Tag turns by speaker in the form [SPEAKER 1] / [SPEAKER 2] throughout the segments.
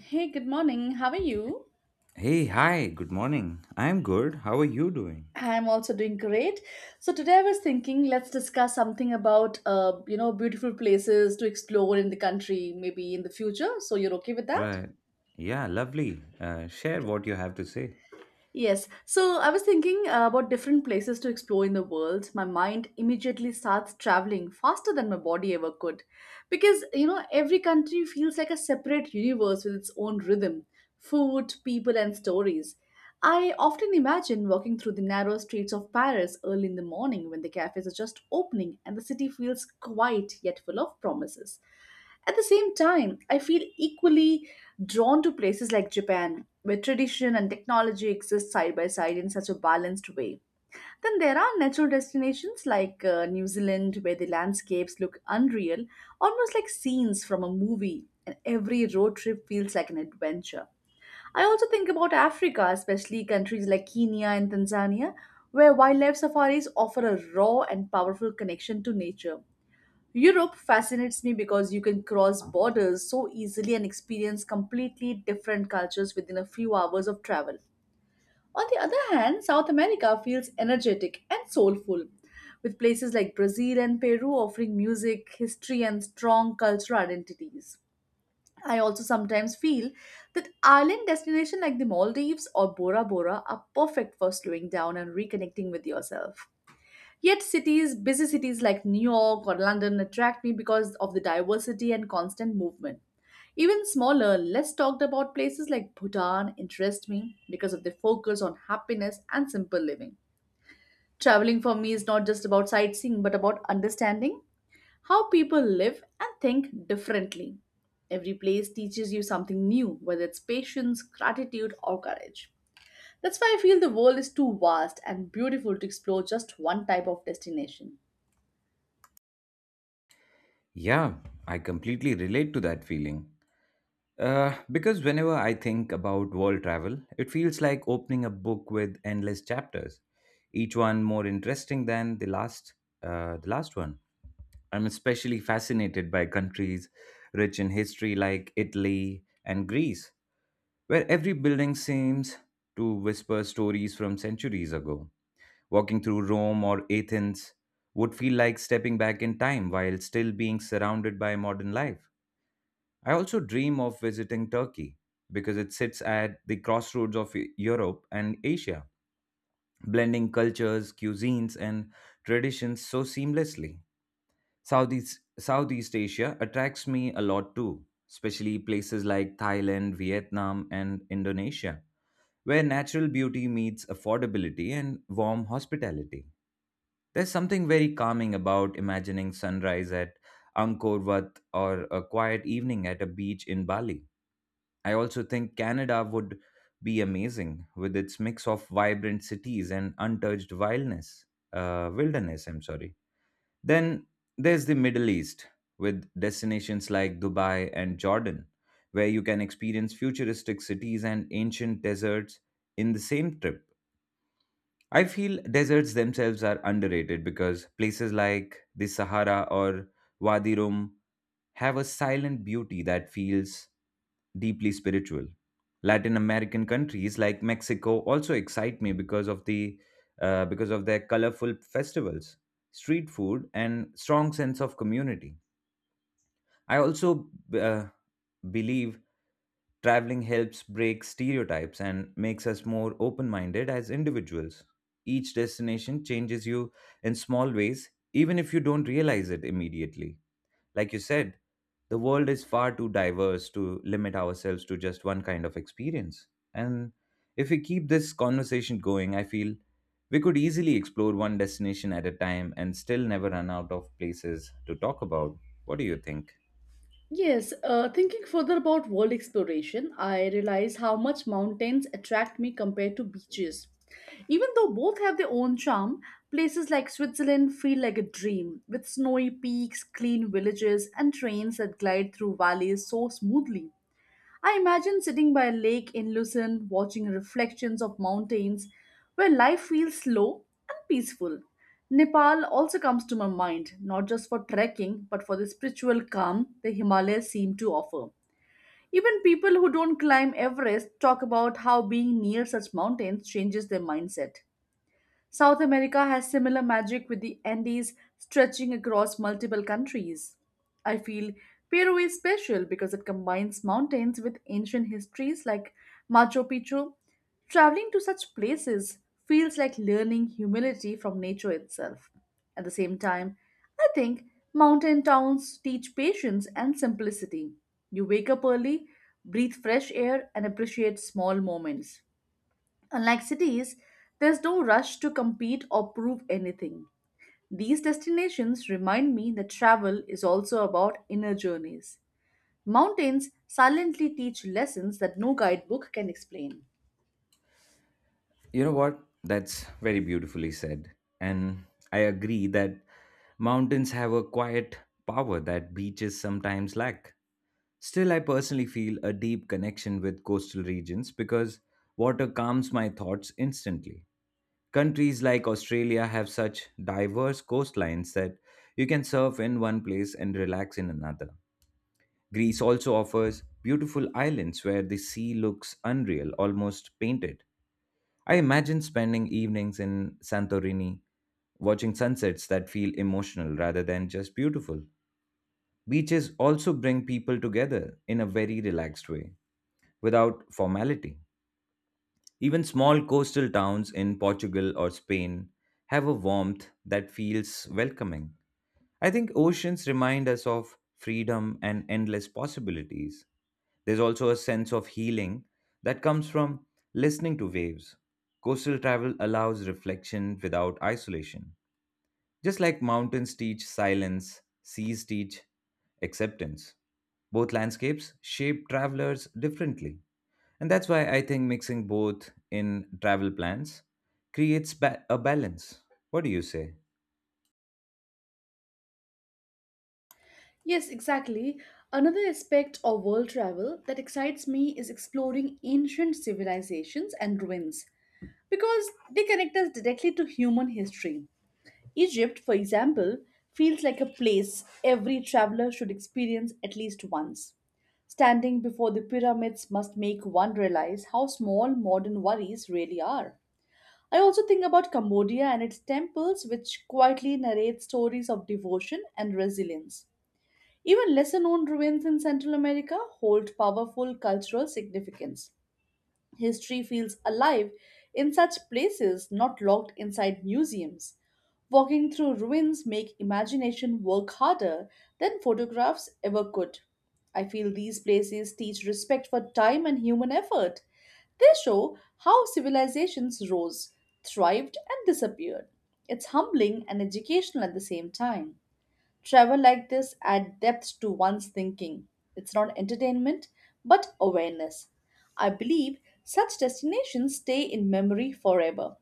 [SPEAKER 1] Hey, good morning. How are you?
[SPEAKER 2] Hey, hi, good morning. I'm good. How are you doing?
[SPEAKER 1] I'm also doing great. So today I was thinking let's discuss something about beautiful places to explore in the country maybe in the future. So you're okay with that?
[SPEAKER 2] Right. Yeah, lovely. Share what you have to say.
[SPEAKER 1] Yes. So I was thinking about different places to explore in the world. My mind immediately starts traveling faster than my body ever could. Because, every country feels like a separate universe with its own rhythm, food, people, and stories. I often imagine walking through the narrow streets of Paris early in the morning when the cafes are just opening and the city feels quiet yet full of promises. At the same time, I feel equally drawn to places like Japan where tradition and technology exist side by side in such a balanced way. Then there are natural destinations like New Zealand, where the landscapes look unreal, almost like scenes from a movie, and every road trip feels like an adventure. I also think about Africa, especially countries like Kenya and Tanzania, where wildlife safaris offer a raw and powerful connection to nature. Europe fascinates me because you can cross borders so easily and experience completely different cultures within a few hours of travel. On the other hand, South America feels energetic and soulful, with places like Brazil and Peru offering music, history, and strong cultural identities. I also sometimes feel that island destinations like the Maldives or Bora Bora are perfect for slowing down and reconnecting with yourself. Yet, cities, busy cities like New York or London, attract me because of the diversity and constant movement. Even smaller, less talked about places like Bhutan interest me because of their focus on happiness and simple living. Traveling for me is not just about sightseeing but about understanding how people live and think differently. Every place teaches you something new, whether it's patience, gratitude, or courage. That's why I feel the world is too vast and beautiful to explore just one type of destination.
[SPEAKER 2] Yeah, I completely relate to that feeling. Because whenever I think about world travel, it feels like opening a book with endless chapters, each one more interesting than the last one. I'm especially fascinated by countries rich in history like Italy and Greece where every building seems to whisper stories from centuries ago. Walking through Rome or Athens would feel like stepping back in time while still being surrounded by modern life. I also dream of visiting Turkey because it sits at the crossroads of Europe and Asia, blending cultures, cuisines, and traditions so seamlessly. Southeast Asia attracts me a lot too, especially places like Thailand, Vietnam, and Indonesia where natural beauty meets affordability and warm hospitality. There's something very calming about imagining sunrise at Angkor Wat or a quiet evening at a beach in Bali. I also think Canada would be amazing with its mix of vibrant cities and untouched wilderness. I'm sorry. Then there's the Middle East, with destinations like Dubai and Jordan, where you can experience futuristic cities and ancient deserts in the same trip. I feel deserts themselves are underrated because places like the Sahara or Wadi Rum have a silent beauty that feels deeply spiritual. Latin American countries like Mexico also excite me because of their colorful festivals, street food, and strong sense of community. I also uh, believe traveling helps break stereotypes and makes us more open-minded as individuals. Each destination changes you in small ways, even if you don't realize it immediately. Like you said, the world is far too diverse to limit ourselves to just one kind of experience. And if we keep this conversation going, I feel we could easily explore one destination at a time and still never run out of places to talk about. What do you think?
[SPEAKER 1] Yes, Thinking further about world exploration, I realize how much mountains attract me compared to beaches. Even though both have their own charm, places like Switzerland feel like a dream, with snowy peaks, clean villages, and trains that glide through valleys so smoothly. I imagine sitting by a lake in Lucerne watching reflections of mountains where life feels slow and peaceful. Nepal also comes to my mind, not just for trekking, but for the spiritual calm the Himalayas seem to offer. Even people who don't climb Everest talk about how being near such mountains changes their mindset. South America has similar magic with the Andes stretching across multiple countries. I feel Peru is special because it combines mountains with ancient histories like Machu Picchu. Traveling to such places feels like learning humility from nature itself. At the same time, I think mountain towns teach patience and simplicity. You wake up early, breathe fresh air, and appreciate small moments. Unlike cities, there's no rush to compete or prove anything. These destinations remind me that travel is also about inner journeys. Mountains silently teach lessons that no guidebook can explain.
[SPEAKER 2] You know what? That's very beautifully said. And I agree that mountains have a quiet power that beaches sometimes lack. Still, I personally feel a deep connection with coastal regions because water calms my thoughts instantly. Countries like Australia have such diverse coastlines that you can surf in one place and relax in another. Greece also offers beautiful islands where the sea looks unreal, almost painted. I imagine spending evenings in Santorini, watching sunsets that feel emotional rather than just beautiful. Beaches also bring people together in a very relaxed way, without formality. Even small coastal towns in Portugal or Spain have a warmth that feels welcoming. I think oceans remind us of freedom and endless possibilities. There's also a sense of healing that comes from listening to waves. Coastal travel allows reflection without isolation. Just like mountains teach silence, seas teach acceptance. Both landscapes shape travelers differently. And that's why I think mixing both in travel plans creates a balance. What do you say?
[SPEAKER 1] Yes, exactly. Another aspect of world travel that excites me is exploring ancient civilizations and ruins because they connect us directly to human history. Egypt, for example, feels like a place every traveler should experience at least once. Standing before the pyramids must make one realize how small modern worries really are. I also think about Cambodia and its temples, which quietly narrate stories of devotion and resilience. Even lesser known ruins in Central America hold powerful cultural significance. History feels alive in such places, not locked inside museums. Walking through ruins make imagination work harder than photographs ever could. I feel these places teach respect for time and human effort. They show how civilizations rose, thrived, and disappeared. It's humbling and educational at the same time. Travel like this add depth to one's thinking. It's not entertainment, but awareness. I believe such destinations stay in memory forever.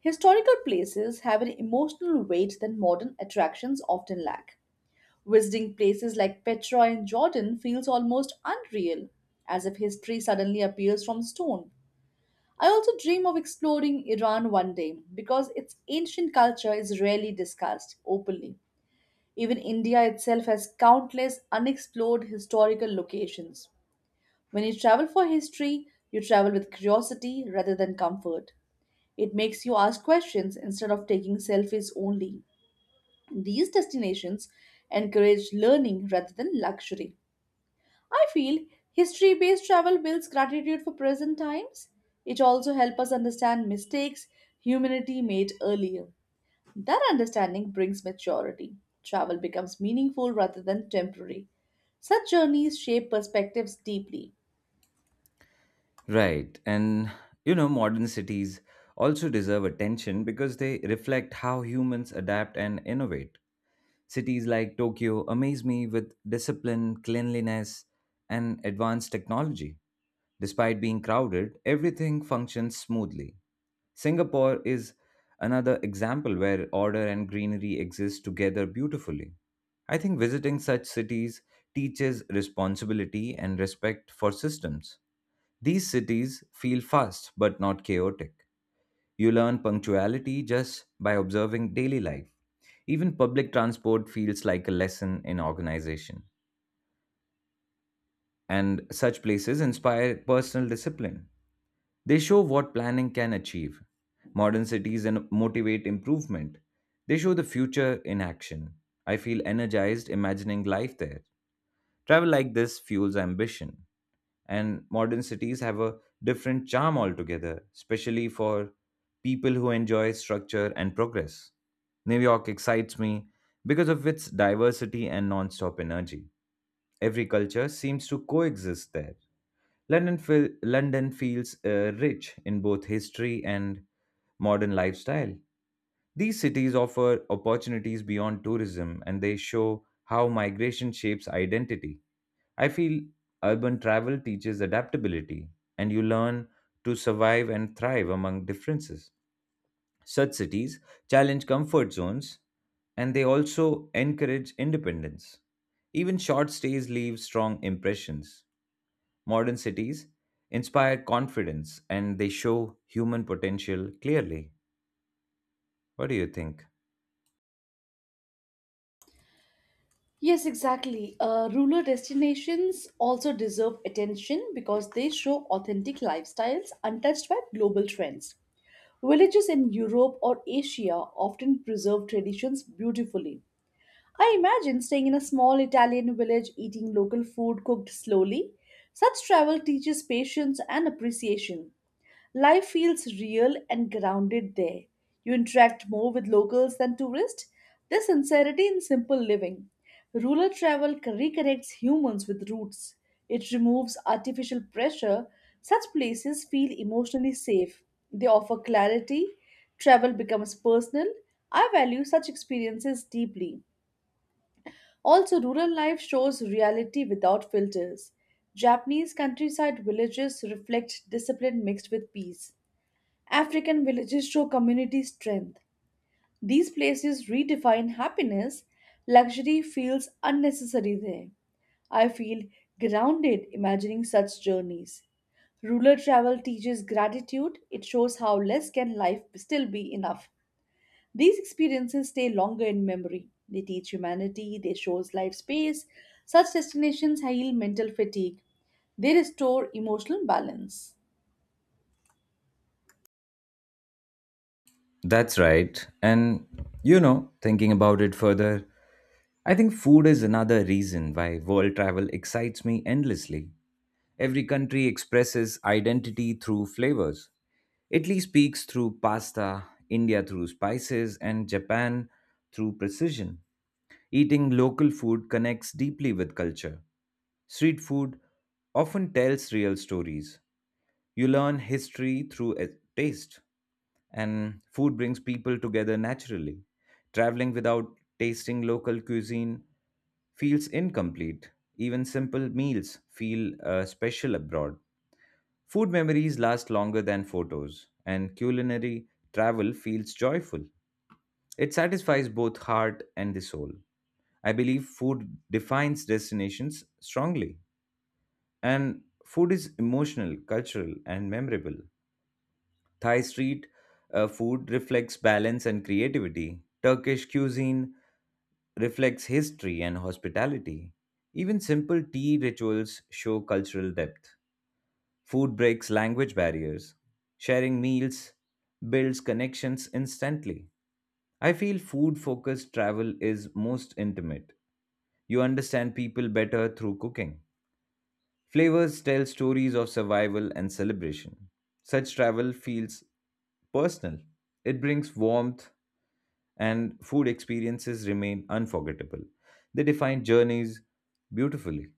[SPEAKER 1] Historical places have an emotional weight that modern attractions often lack. Visiting places like Petra in Jordan feels almost unreal, as if history suddenly appears from stone. I also dream of exploring Iran one day because its ancient culture is rarely discussed openly. Even India itself has countless unexplored historical locations. When you travel for history, you travel with curiosity rather than comfort. It makes you ask questions instead of taking selfies only. These destinations encourage learning rather than luxury. I feel history based travel builds gratitude for present times. It also helps us understand mistakes humanity made earlier. That understanding brings maturity. Travel becomes meaningful rather than temporary. Such journeys shape perspectives deeply.
[SPEAKER 2] Right. And you know, modern cities also deserve attention because they reflect how humans adapt and innovate. Cities like Tokyo amaze me with discipline, cleanliness, and advanced technology. Despite being crowded, everything functions smoothly. Singapore is another example where order and greenery exist together beautifully. I think visiting such cities teaches responsibility and respect for systems. These cities feel fast but not chaotic. You learn punctuality just by observing daily life. Even public transport feels like a lesson in organization, and such places inspire personal discipline. They show what planning can achieve, modern cities, and motivate improvement. They show the future in action. I feel energized imagining life there. Travel like this fuels ambition, and modern cities have a different charm altogether, especially for people who enjoy structure and progress. New York excites me because of its diversity and non stop energy. Every culture seems to coexist there. London feels rich in both history and modern lifestyle. These cities offer opportunities beyond tourism, and they show how migration shapes identity. I feel urban travel teaches adaptability, and you learn to survive and thrive among differences. Such cities challenge comfort zones, and they also encourage independence. Even short stays leave strong impressions. Modern cities inspire confidence, and they show human potential clearly. What do you think?
[SPEAKER 1] Yes, exactly. Rural destinations also deserve attention because they show authentic lifestyles untouched by global trends. Villages in Europe or Asia often preserve traditions beautifully. I imagine staying in a small Italian village eating local food cooked slowly. Such travel teaches patience and appreciation. Life feels real and grounded there. You interact more with locals than tourists. There's sincerity in simple living. Rural travel reconnects humans with roots. It removes artificial pressure. Such places feel emotionally safe. They offer clarity. Travel becomes personal. I value such experiences deeply. Also, rural life shows reality without filters. Japanese countryside villages reflect discipline mixed with peace. African villages show community strength. These places redefine happiness. Luxury feels unnecessary there. I feel grounded imagining such journeys. Rural travel teaches gratitude. It shows how less can life still be enough. These experiences stay longer in memory. They teach humanity, they shows life space. Such destinations heal mental fatigue. They restore emotional balance.
[SPEAKER 2] That's right. And you know, thinking about it further, I think food is another reason why world travel excites me endlessly. Every country expresses identity through flavors. Italy speaks through pasta, India through spices, and Japan through precision. Eating local food connects deeply with culture. Street food often tells real stories. You learn history through taste, and food brings people together naturally. Traveling without tasting local cuisine feels incomplete. Even simple meals feel special abroad. Food memories last longer than photos, and culinary travel feels joyful. It satisfies both heart and the soul. I believe food defines destinations strongly, and food is emotional, cultural, and memorable. Thai street food reflects balance and creativity. Turkish cuisine reflects history and hospitality. Even simple tea rituals show cultural depth. Food breaks language barriers. Sharing meals builds connections instantly. I feel food focused travel is most intimate. You understand people better through cooking. Flavors tell stories of survival and celebration. Such travel feels personal. It brings warmth, and food experiences remain unforgettable. They define journeys beautifully.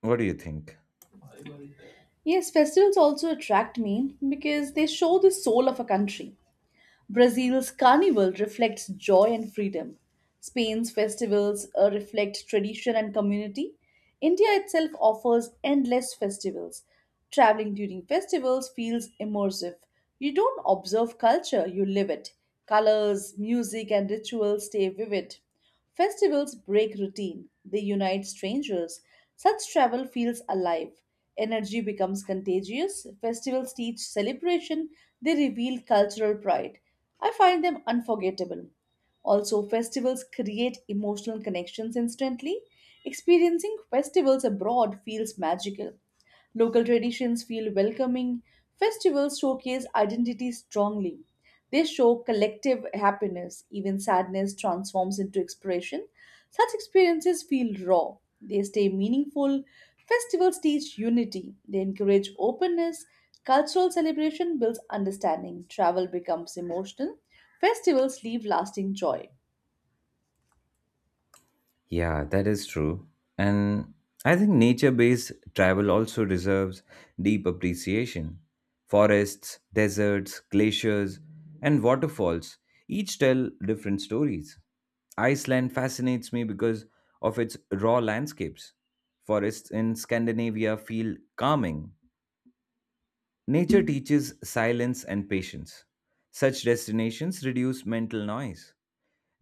[SPEAKER 2] What do you think?
[SPEAKER 1] Yes, festivals also attract me because they show the soul of a country. Brazil's carnival reflects joy and freedom. Spain's festivals reflect tradition and community. India itself offers endless festivals. Traveling during festivals feels immersive. You don't observe culture, you live it. Colors, music, and rituals stay vivid. Festivals break routine, they unite strangers. Such travel feels alive. Energy becomes contagious. Festivals teach celebration, they reveal cultural pride. I find them unforgettable. Also, festivals create emotional connections instantly. Experiencing festivals abroad feels magical. Local traditions feel welcoming. Festivals showcase identity strongly. They show collective happiness. Even sadness transforms into expression. Such experiences feel raw. They stay meaningful. Festivals teach unity. They encourage openness. Cultural celebration builds understanding. Travel becomes emotional. Festivals leave lasting joy.
[SPEAKER 2] Yeah, that is true. And I think nature based travel also deserves deep appreciation. Forests, deserts, glaciers, and waterfalls each tell different stories. Iceland fascinates me because of its raw landscapes. Forests in Scandinavia feel calming. Nature teaches silence and patience. Such destinations reduce mental noise,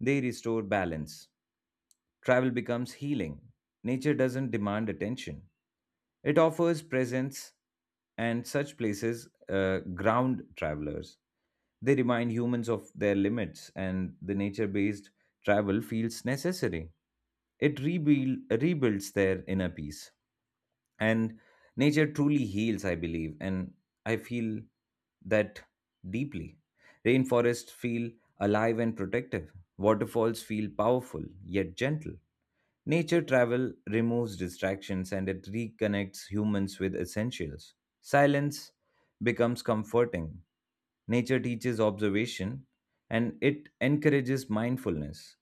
[SPEAKER 2] they restore balance. Travel becomes healing. Nature doesn't demand attention, it offers presence, and such places ground travelers. They remind humans of their limits, and the nature based travel feels necessary. It rebuilds their inner peace. And nature truly heals, I believe, and I feel that deeply. Rainforests feel alive and protective, waterfalls feel powerful yet gentle. Nature travel removes distractions, and it reconnects humans with essentials. Silence becomes comforting. Nature teaches observation, and it encourages mindfulness.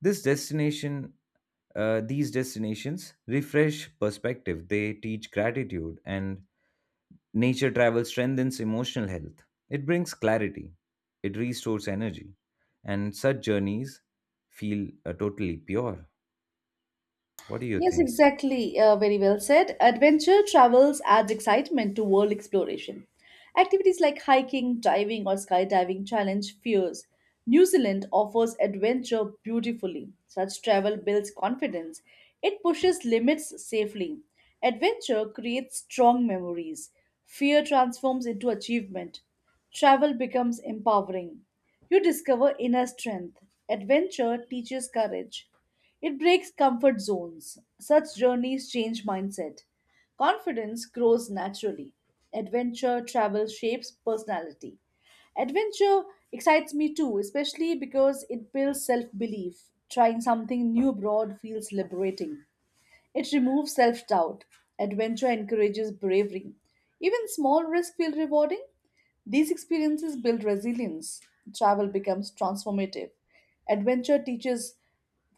[SPEAKER 2] This destination, these destinations refresh perspective, they teach gratitude, and nature travel strengthens emotional health. It brings clarity, it restores energy, and such journeys feel totally pure. What do you
[SPEAKER 1] Yes,
[SPEAKER 2] think?
[SPEAKER 1] exactly. Very well said. Adventure travels adds excitement to world exploration. Activities like hiking, diving, or skydiving challenge fears. New Zealand offers adventure beautifully. Such travel builds confidence, it pushes limits safely. Adventure creates strong memories. Fear transforms into achievement. Travel becomes empowering. You discover inner strength. Adventure teaches courage. It breaks comfort zones. Such journeys change mindset. Confidence grows naturally. Adventure travel shapes personality. Adventure excites me too, especially because it builds self belief. Trying something new abroad feels liberating. It removes self doubt. Adventure encourages bravery. Even small risks feel rewarding. These experiences build resilience. Travel becomes transformative. Adventure teaches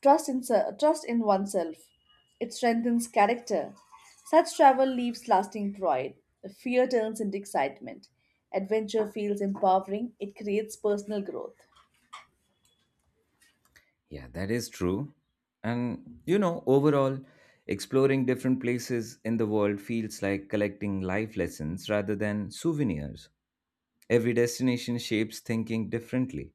[SPEAKER 1] trust in oneself. It strengthens character. Such travel leaves lasting pride. Fear turns into excitement. Adventure feels empowering. It creates personal growth.
[SPEAKER 2] Yeah, that is true. And you know, overall, exploring different places in the world feels like collecting life lessons rather than souvenirs. Every destination shapes thinking differently,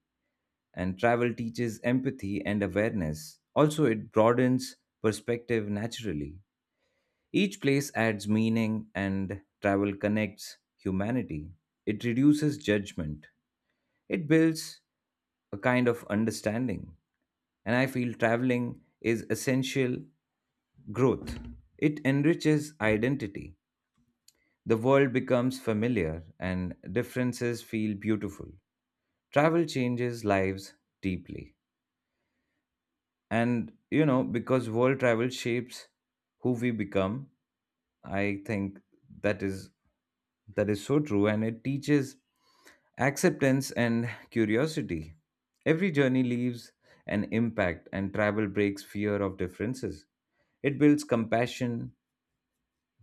[SPEAKER 2] and travel teaches empathy and awareness. Also, it broadens perspective naturally. Each place adds meaning, and travel connects humanity. It reduces judgment, it builds a kind of understanding. And I feel traveling is essential growth. It enriches identity. The world becomes familiar and differences feel beautiful. Travel changes lives deeply. And, you know, because world travel shapes who we become, I think that is that is so true, and it teaches acceptance and curiosity. Every journey leaves an impact, and travel breaks fear of differences. It builds compassion,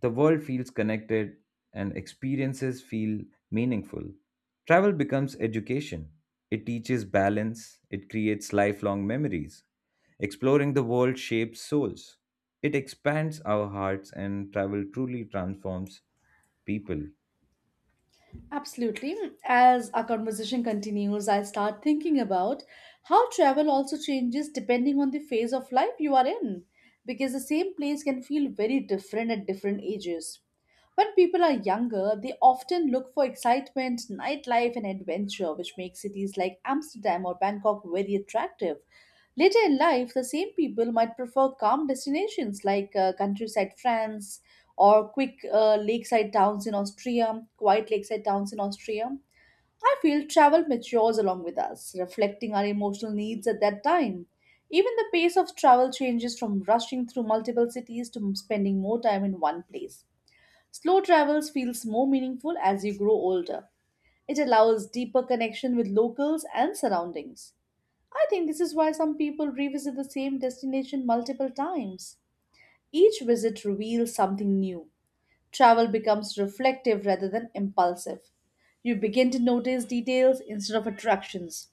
[SPEAKER 2] the world feels connected, and experiences feel meaningful. Travel becomes education. It teaches balance, it creates lifelong memories. Exploring the world shapes souls. It expands our hearts, and travel truly transforms people.
[SPEAKER 1] Absolutely. As our conversation continues, I start thinking about how travel also changes depending on the phase of life you are in. Because the same place can feel very different at different ages. When people are younger, they often look for excitement, nightlife, and adventure, which makes cities like Amsterdam or Bangkok very attractive. Later in life, the same people might prefer calm destinations like countryside France or quick lakeside towns in Austria, quiet lakeside towns in Austria. I feel travel matures along with us, reflecting our emotional needs at that time. Even the pace of travel changes from rushing through multiple cities to spending more time in one place. Slow travels feels more meaningful as you grow older. It allows deeper connection with locals and surroundings. I think this is why some people revisit the same destination multiple times. Each visit reveals something new. Travel becomes reflective rather than impulsive. You begin to notice details instead of attractions.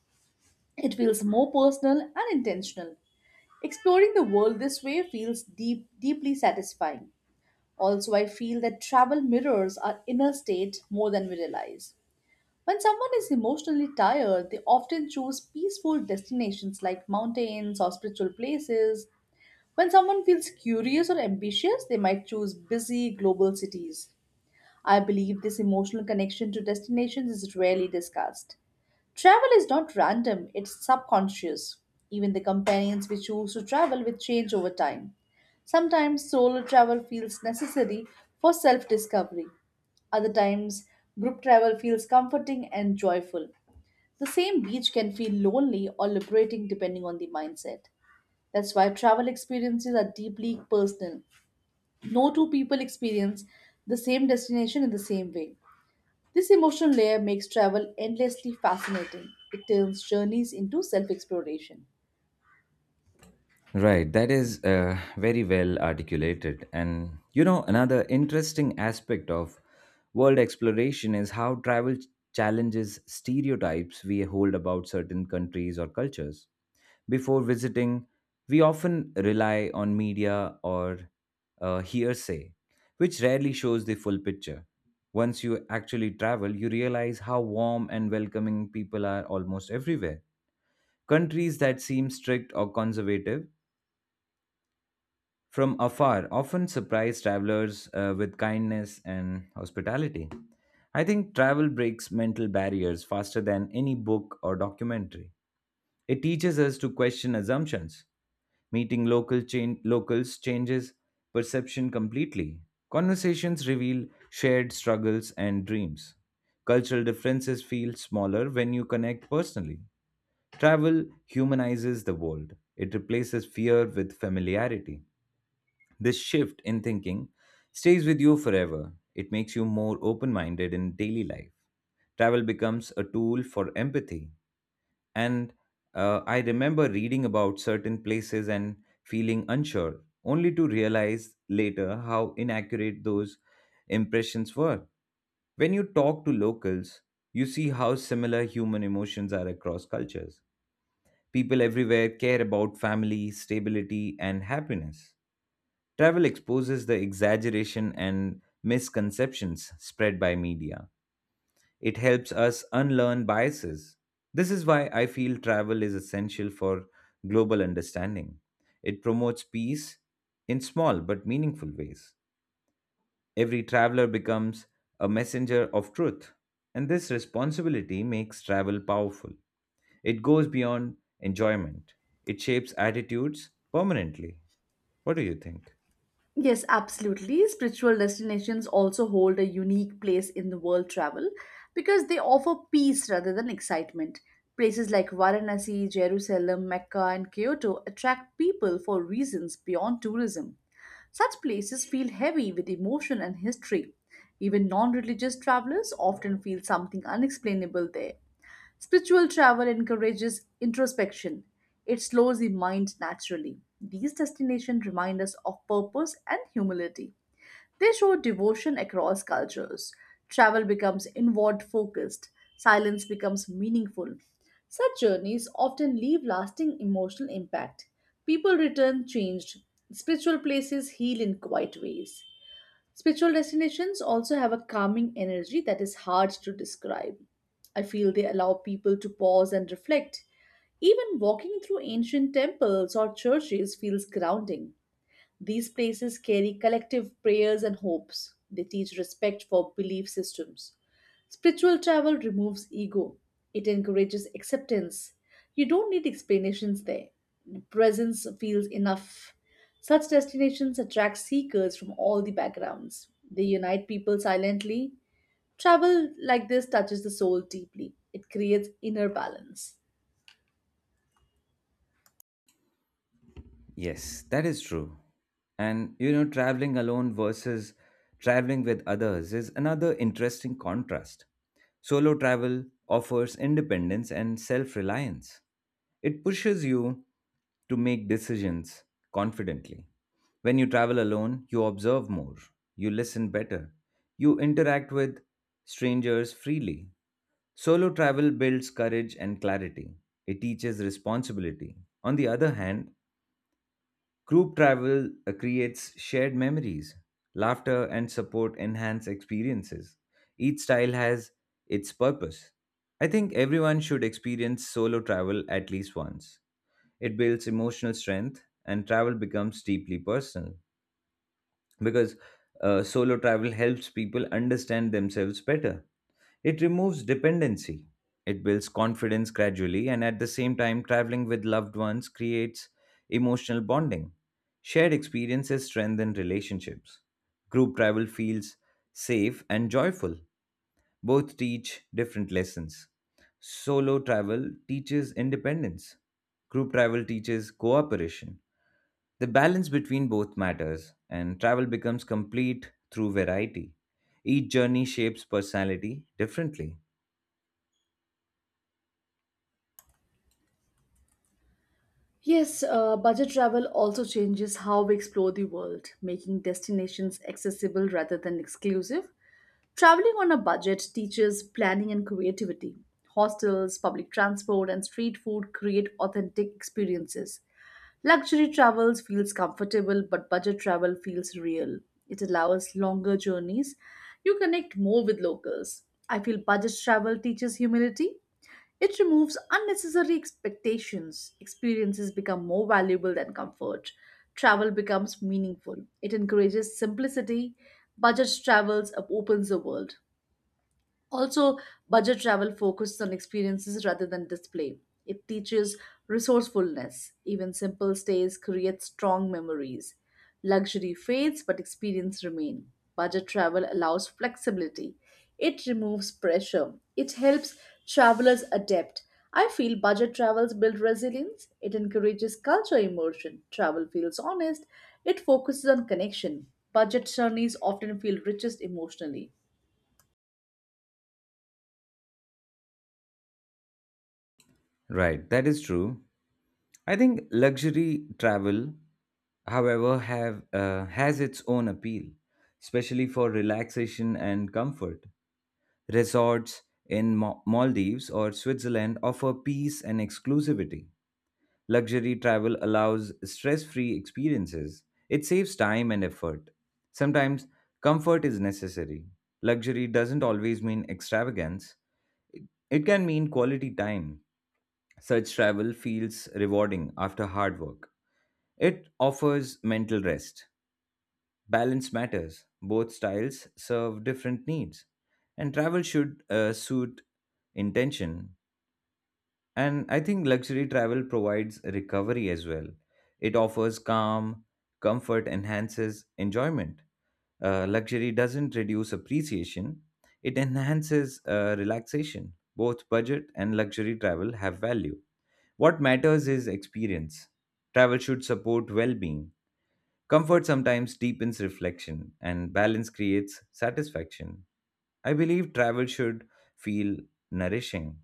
[SPEAKER 1] It feels more personal and intentional. Exploring the world this way feels deeply satisfying. Also, I feel that travel mirrors our inner state more than we realize. When someone is emotionally tired, they often choose peaceful destinations like mountains or spiritual places. When someone feels curious or ambitious, they might choose busy global cities. I believe this emotional connection to destinations is rarely discussed. Travel is not random, it's subconscious. Even the companions we choose to travel with change over time. Sometimes solo travel feels necessary for self discovery. Other times, group travel feels comforting and joyful. The same beach can feel lonely or liberating depending on the mindset. That's why travel experiences are deeply personal. No two people experience the same destination in the same way. This emotional layer makes travel endlessly fascinating. It turns journeys into self exploration.
[SPEAKER 2] Right, that is very well articulated. And you know, another interesting aspect of world exploration is how travel challenges stereotypes we hold about certain countries or cultures. Before visiting, we often rely on media or hearsay, which rarely shows the full picture. Once you actually travel, you realize how warm and welcoming people are almost everywhere. Countries that seem strict or conservative from afar often surprise travelers with kindness and hospitality. I think travel breaks mental barriers faster than any book or documentary. It teaches us to question assumptions. Meeting locals changes perception completely. Conversations reveal shared struggles and dreams. Cultural differences feel smaller when you connect personally. Travel humanizes the world. It replaces fear with familiarity. This shift in thinking stays with you forever. It makes you more open minded in daily life. Travel becomes a tool for empathy. And I remember reading about certain places and feeling unsure, only to realize later how inaccurate those impressions were. When you talk to locals, you see how similar human emotions are across cultures. People everywhere care about family, stability, and happiness. Travel exposes the exaggeration and misconceptions spread by media. It helps us unlearn biases. This is why I feel travel is essential for global understanding. It promotes peace in small but meaningful ways. Every traveler becomes a messenger of truth, and this responsibility makes travel powerful. It goes beyond enjoyment, it shapes attitudes permanently. What do you think?
[SPEAKER 1] Yes, absolutely. Spiritual destinations also hold a unique place in the world travel because they offer peace rather than excitement. Places like Varanasi, Jerusalem, Mecca, and Kyoto attract people for reasons beyond tourism. Such places feel heavy with emotion and history. Even non religious travelers often feel something unexplainable there. Spiritual travel encourages introspection. It slows the mind naturally. These destinations remind us of purpose and humility. They show devotion across cultures. Travel becomes inward focused. Silence becomes meaningful. Such journeys often leave lasting emotional impact. People return changed. Spiritual places heal in quiet ways. Spiritual destinations also have a calming energy that is hard to describe. I feel they allow people to pause and reflect. Even walking through ancient temples or churches feels grounding. These places carry collective prayers and hopes. They teach respect for belief systems. Spiritual travel removes ego, it encourages acceptance. You don't need explanations there. Presence feels enough. Such destinations attract seekers from all the backgrounds. They unite people silently. Travel like this touches the soul deeply, it creates inner balance.
[SPEAKER 2] Yes, that is true. And you know, traveling alone versus traveling with others is another interesting contrast. Solo travel offers independence and self reliance, it pushes you to make decisions confidently. When you travel alone, you observe more, you listen better, you interact with strangers freely. Solo travel builds courage and clarity, it teaches responsibility. On the other hand, group travel creates shared memories, laughter, and support enhance experiences. Each style has its purpose. I think everyone should experience solo travel at least once. It builds emotional strength, and travel becomes deeply personal because solo travel helps people understand themselves better. It removes dependency, it builds confidence gradually, and at the same time, traveling with loved ones creates emotional bonding. Shared experiences strengthen relationships. Group travel feels safe and joyful. Both teach different lessons. Solo travel teaches independence. Group travel teaches cooperation. The balance between both matters, and travel becomes complete through variety. Each journey shapes personality differently.
[SPEAKER 1] Yes, Budget travel also changes how we explore the world, making destinations accessible rather than exclusive. Traveling on a budget teaches planning and creativity. Hostels, public transport, and street food create authentic experiences. Luxury travels feels comfortable, but budget travel feels real. It allows longer journeys. You connect more with locals. I feel budget travel teaches humility it removes unnecessary expectations. Experiences become more valuable than comfort. Travel becomes meaningful. It encourages simplicity. Budget travels opens the world. Also, budget travel focuses on experiences rather than display. It teaches resourcefulness. Even simple stays create strong memories. Luxury fades, but experience remain. Budget travel allows flexibility. It removes pressure. It helps travelers adapt. I feel budget travels build resilience. It encourages culture immersion. Travel feels honest. It focuses on connection. Budget journeys often feel richest emotionally.
[SPEAKER 2] Right, that is true. I think luxury travel, however, have has its own appeal, especially for relaxation and comfort. Resorts in Maldives or Switzerland offer peace and exclusivity. Luxury travel allows stress free experiences. It saves time and effort. Sometimes comfort is necessary. Luxury doesn't always mean extravagance, it can mean quality time. Such travel feels rewarding after hard work. It offers mental rest. Balance matters. Both styles serve different needs. And travel should suit intention, and I think luxury travel provides recovery as well. It offers calm, comfort, enhances enjoyment. Luxury doesn't reduce appreciation, it enhances relaxation. Both budget and luxury travel have value. What matters is experience. Travel should support well being. Comfort sometimes deepens reflection, and balance creates satisfaction. I believe travel should feel nourishing.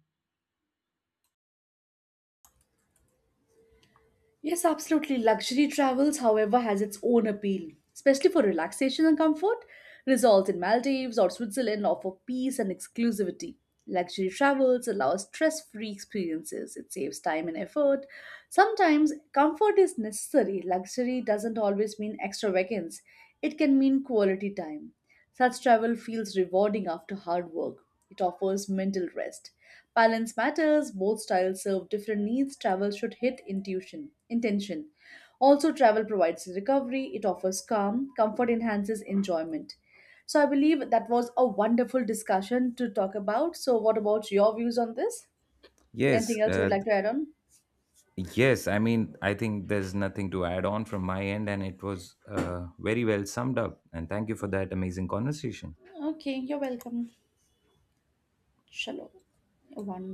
[SPEAKER 1] Yes, absolutely. Luxury travels, however, has its own appeal, especially for relaxation and comfort. Resorts in Maldives or Switzerland offer peace and exclusivity. Luxury travels allow stress free experiences. It saves time and effort. Sometimes comfort is necessary. Luxury doesn't always mean extravagance, it can mean quality time. Such travel feels rewarding after hard work. It offers mental rest. Balance matters, both styles serve different needs. Travel should hit intention. Also, travel provides recovery, it offers calm, comfort enhances enjoyment. So, I believe that was a wonderful discussion to talk about. So, what about your views on this?
[SPEAKER 2] Yes,
[SPEAKER 1] Anything else you would
[SPEAKER 2] uh,
[SPEAKER 1] like to add on?
[SPEAKER 2] Yes, I think there's nothing to add on from my end, and it was very well summed up. And thank you for that amazing conversation.
[SPEAKER 1] Okay, you're welcome. Shalom. One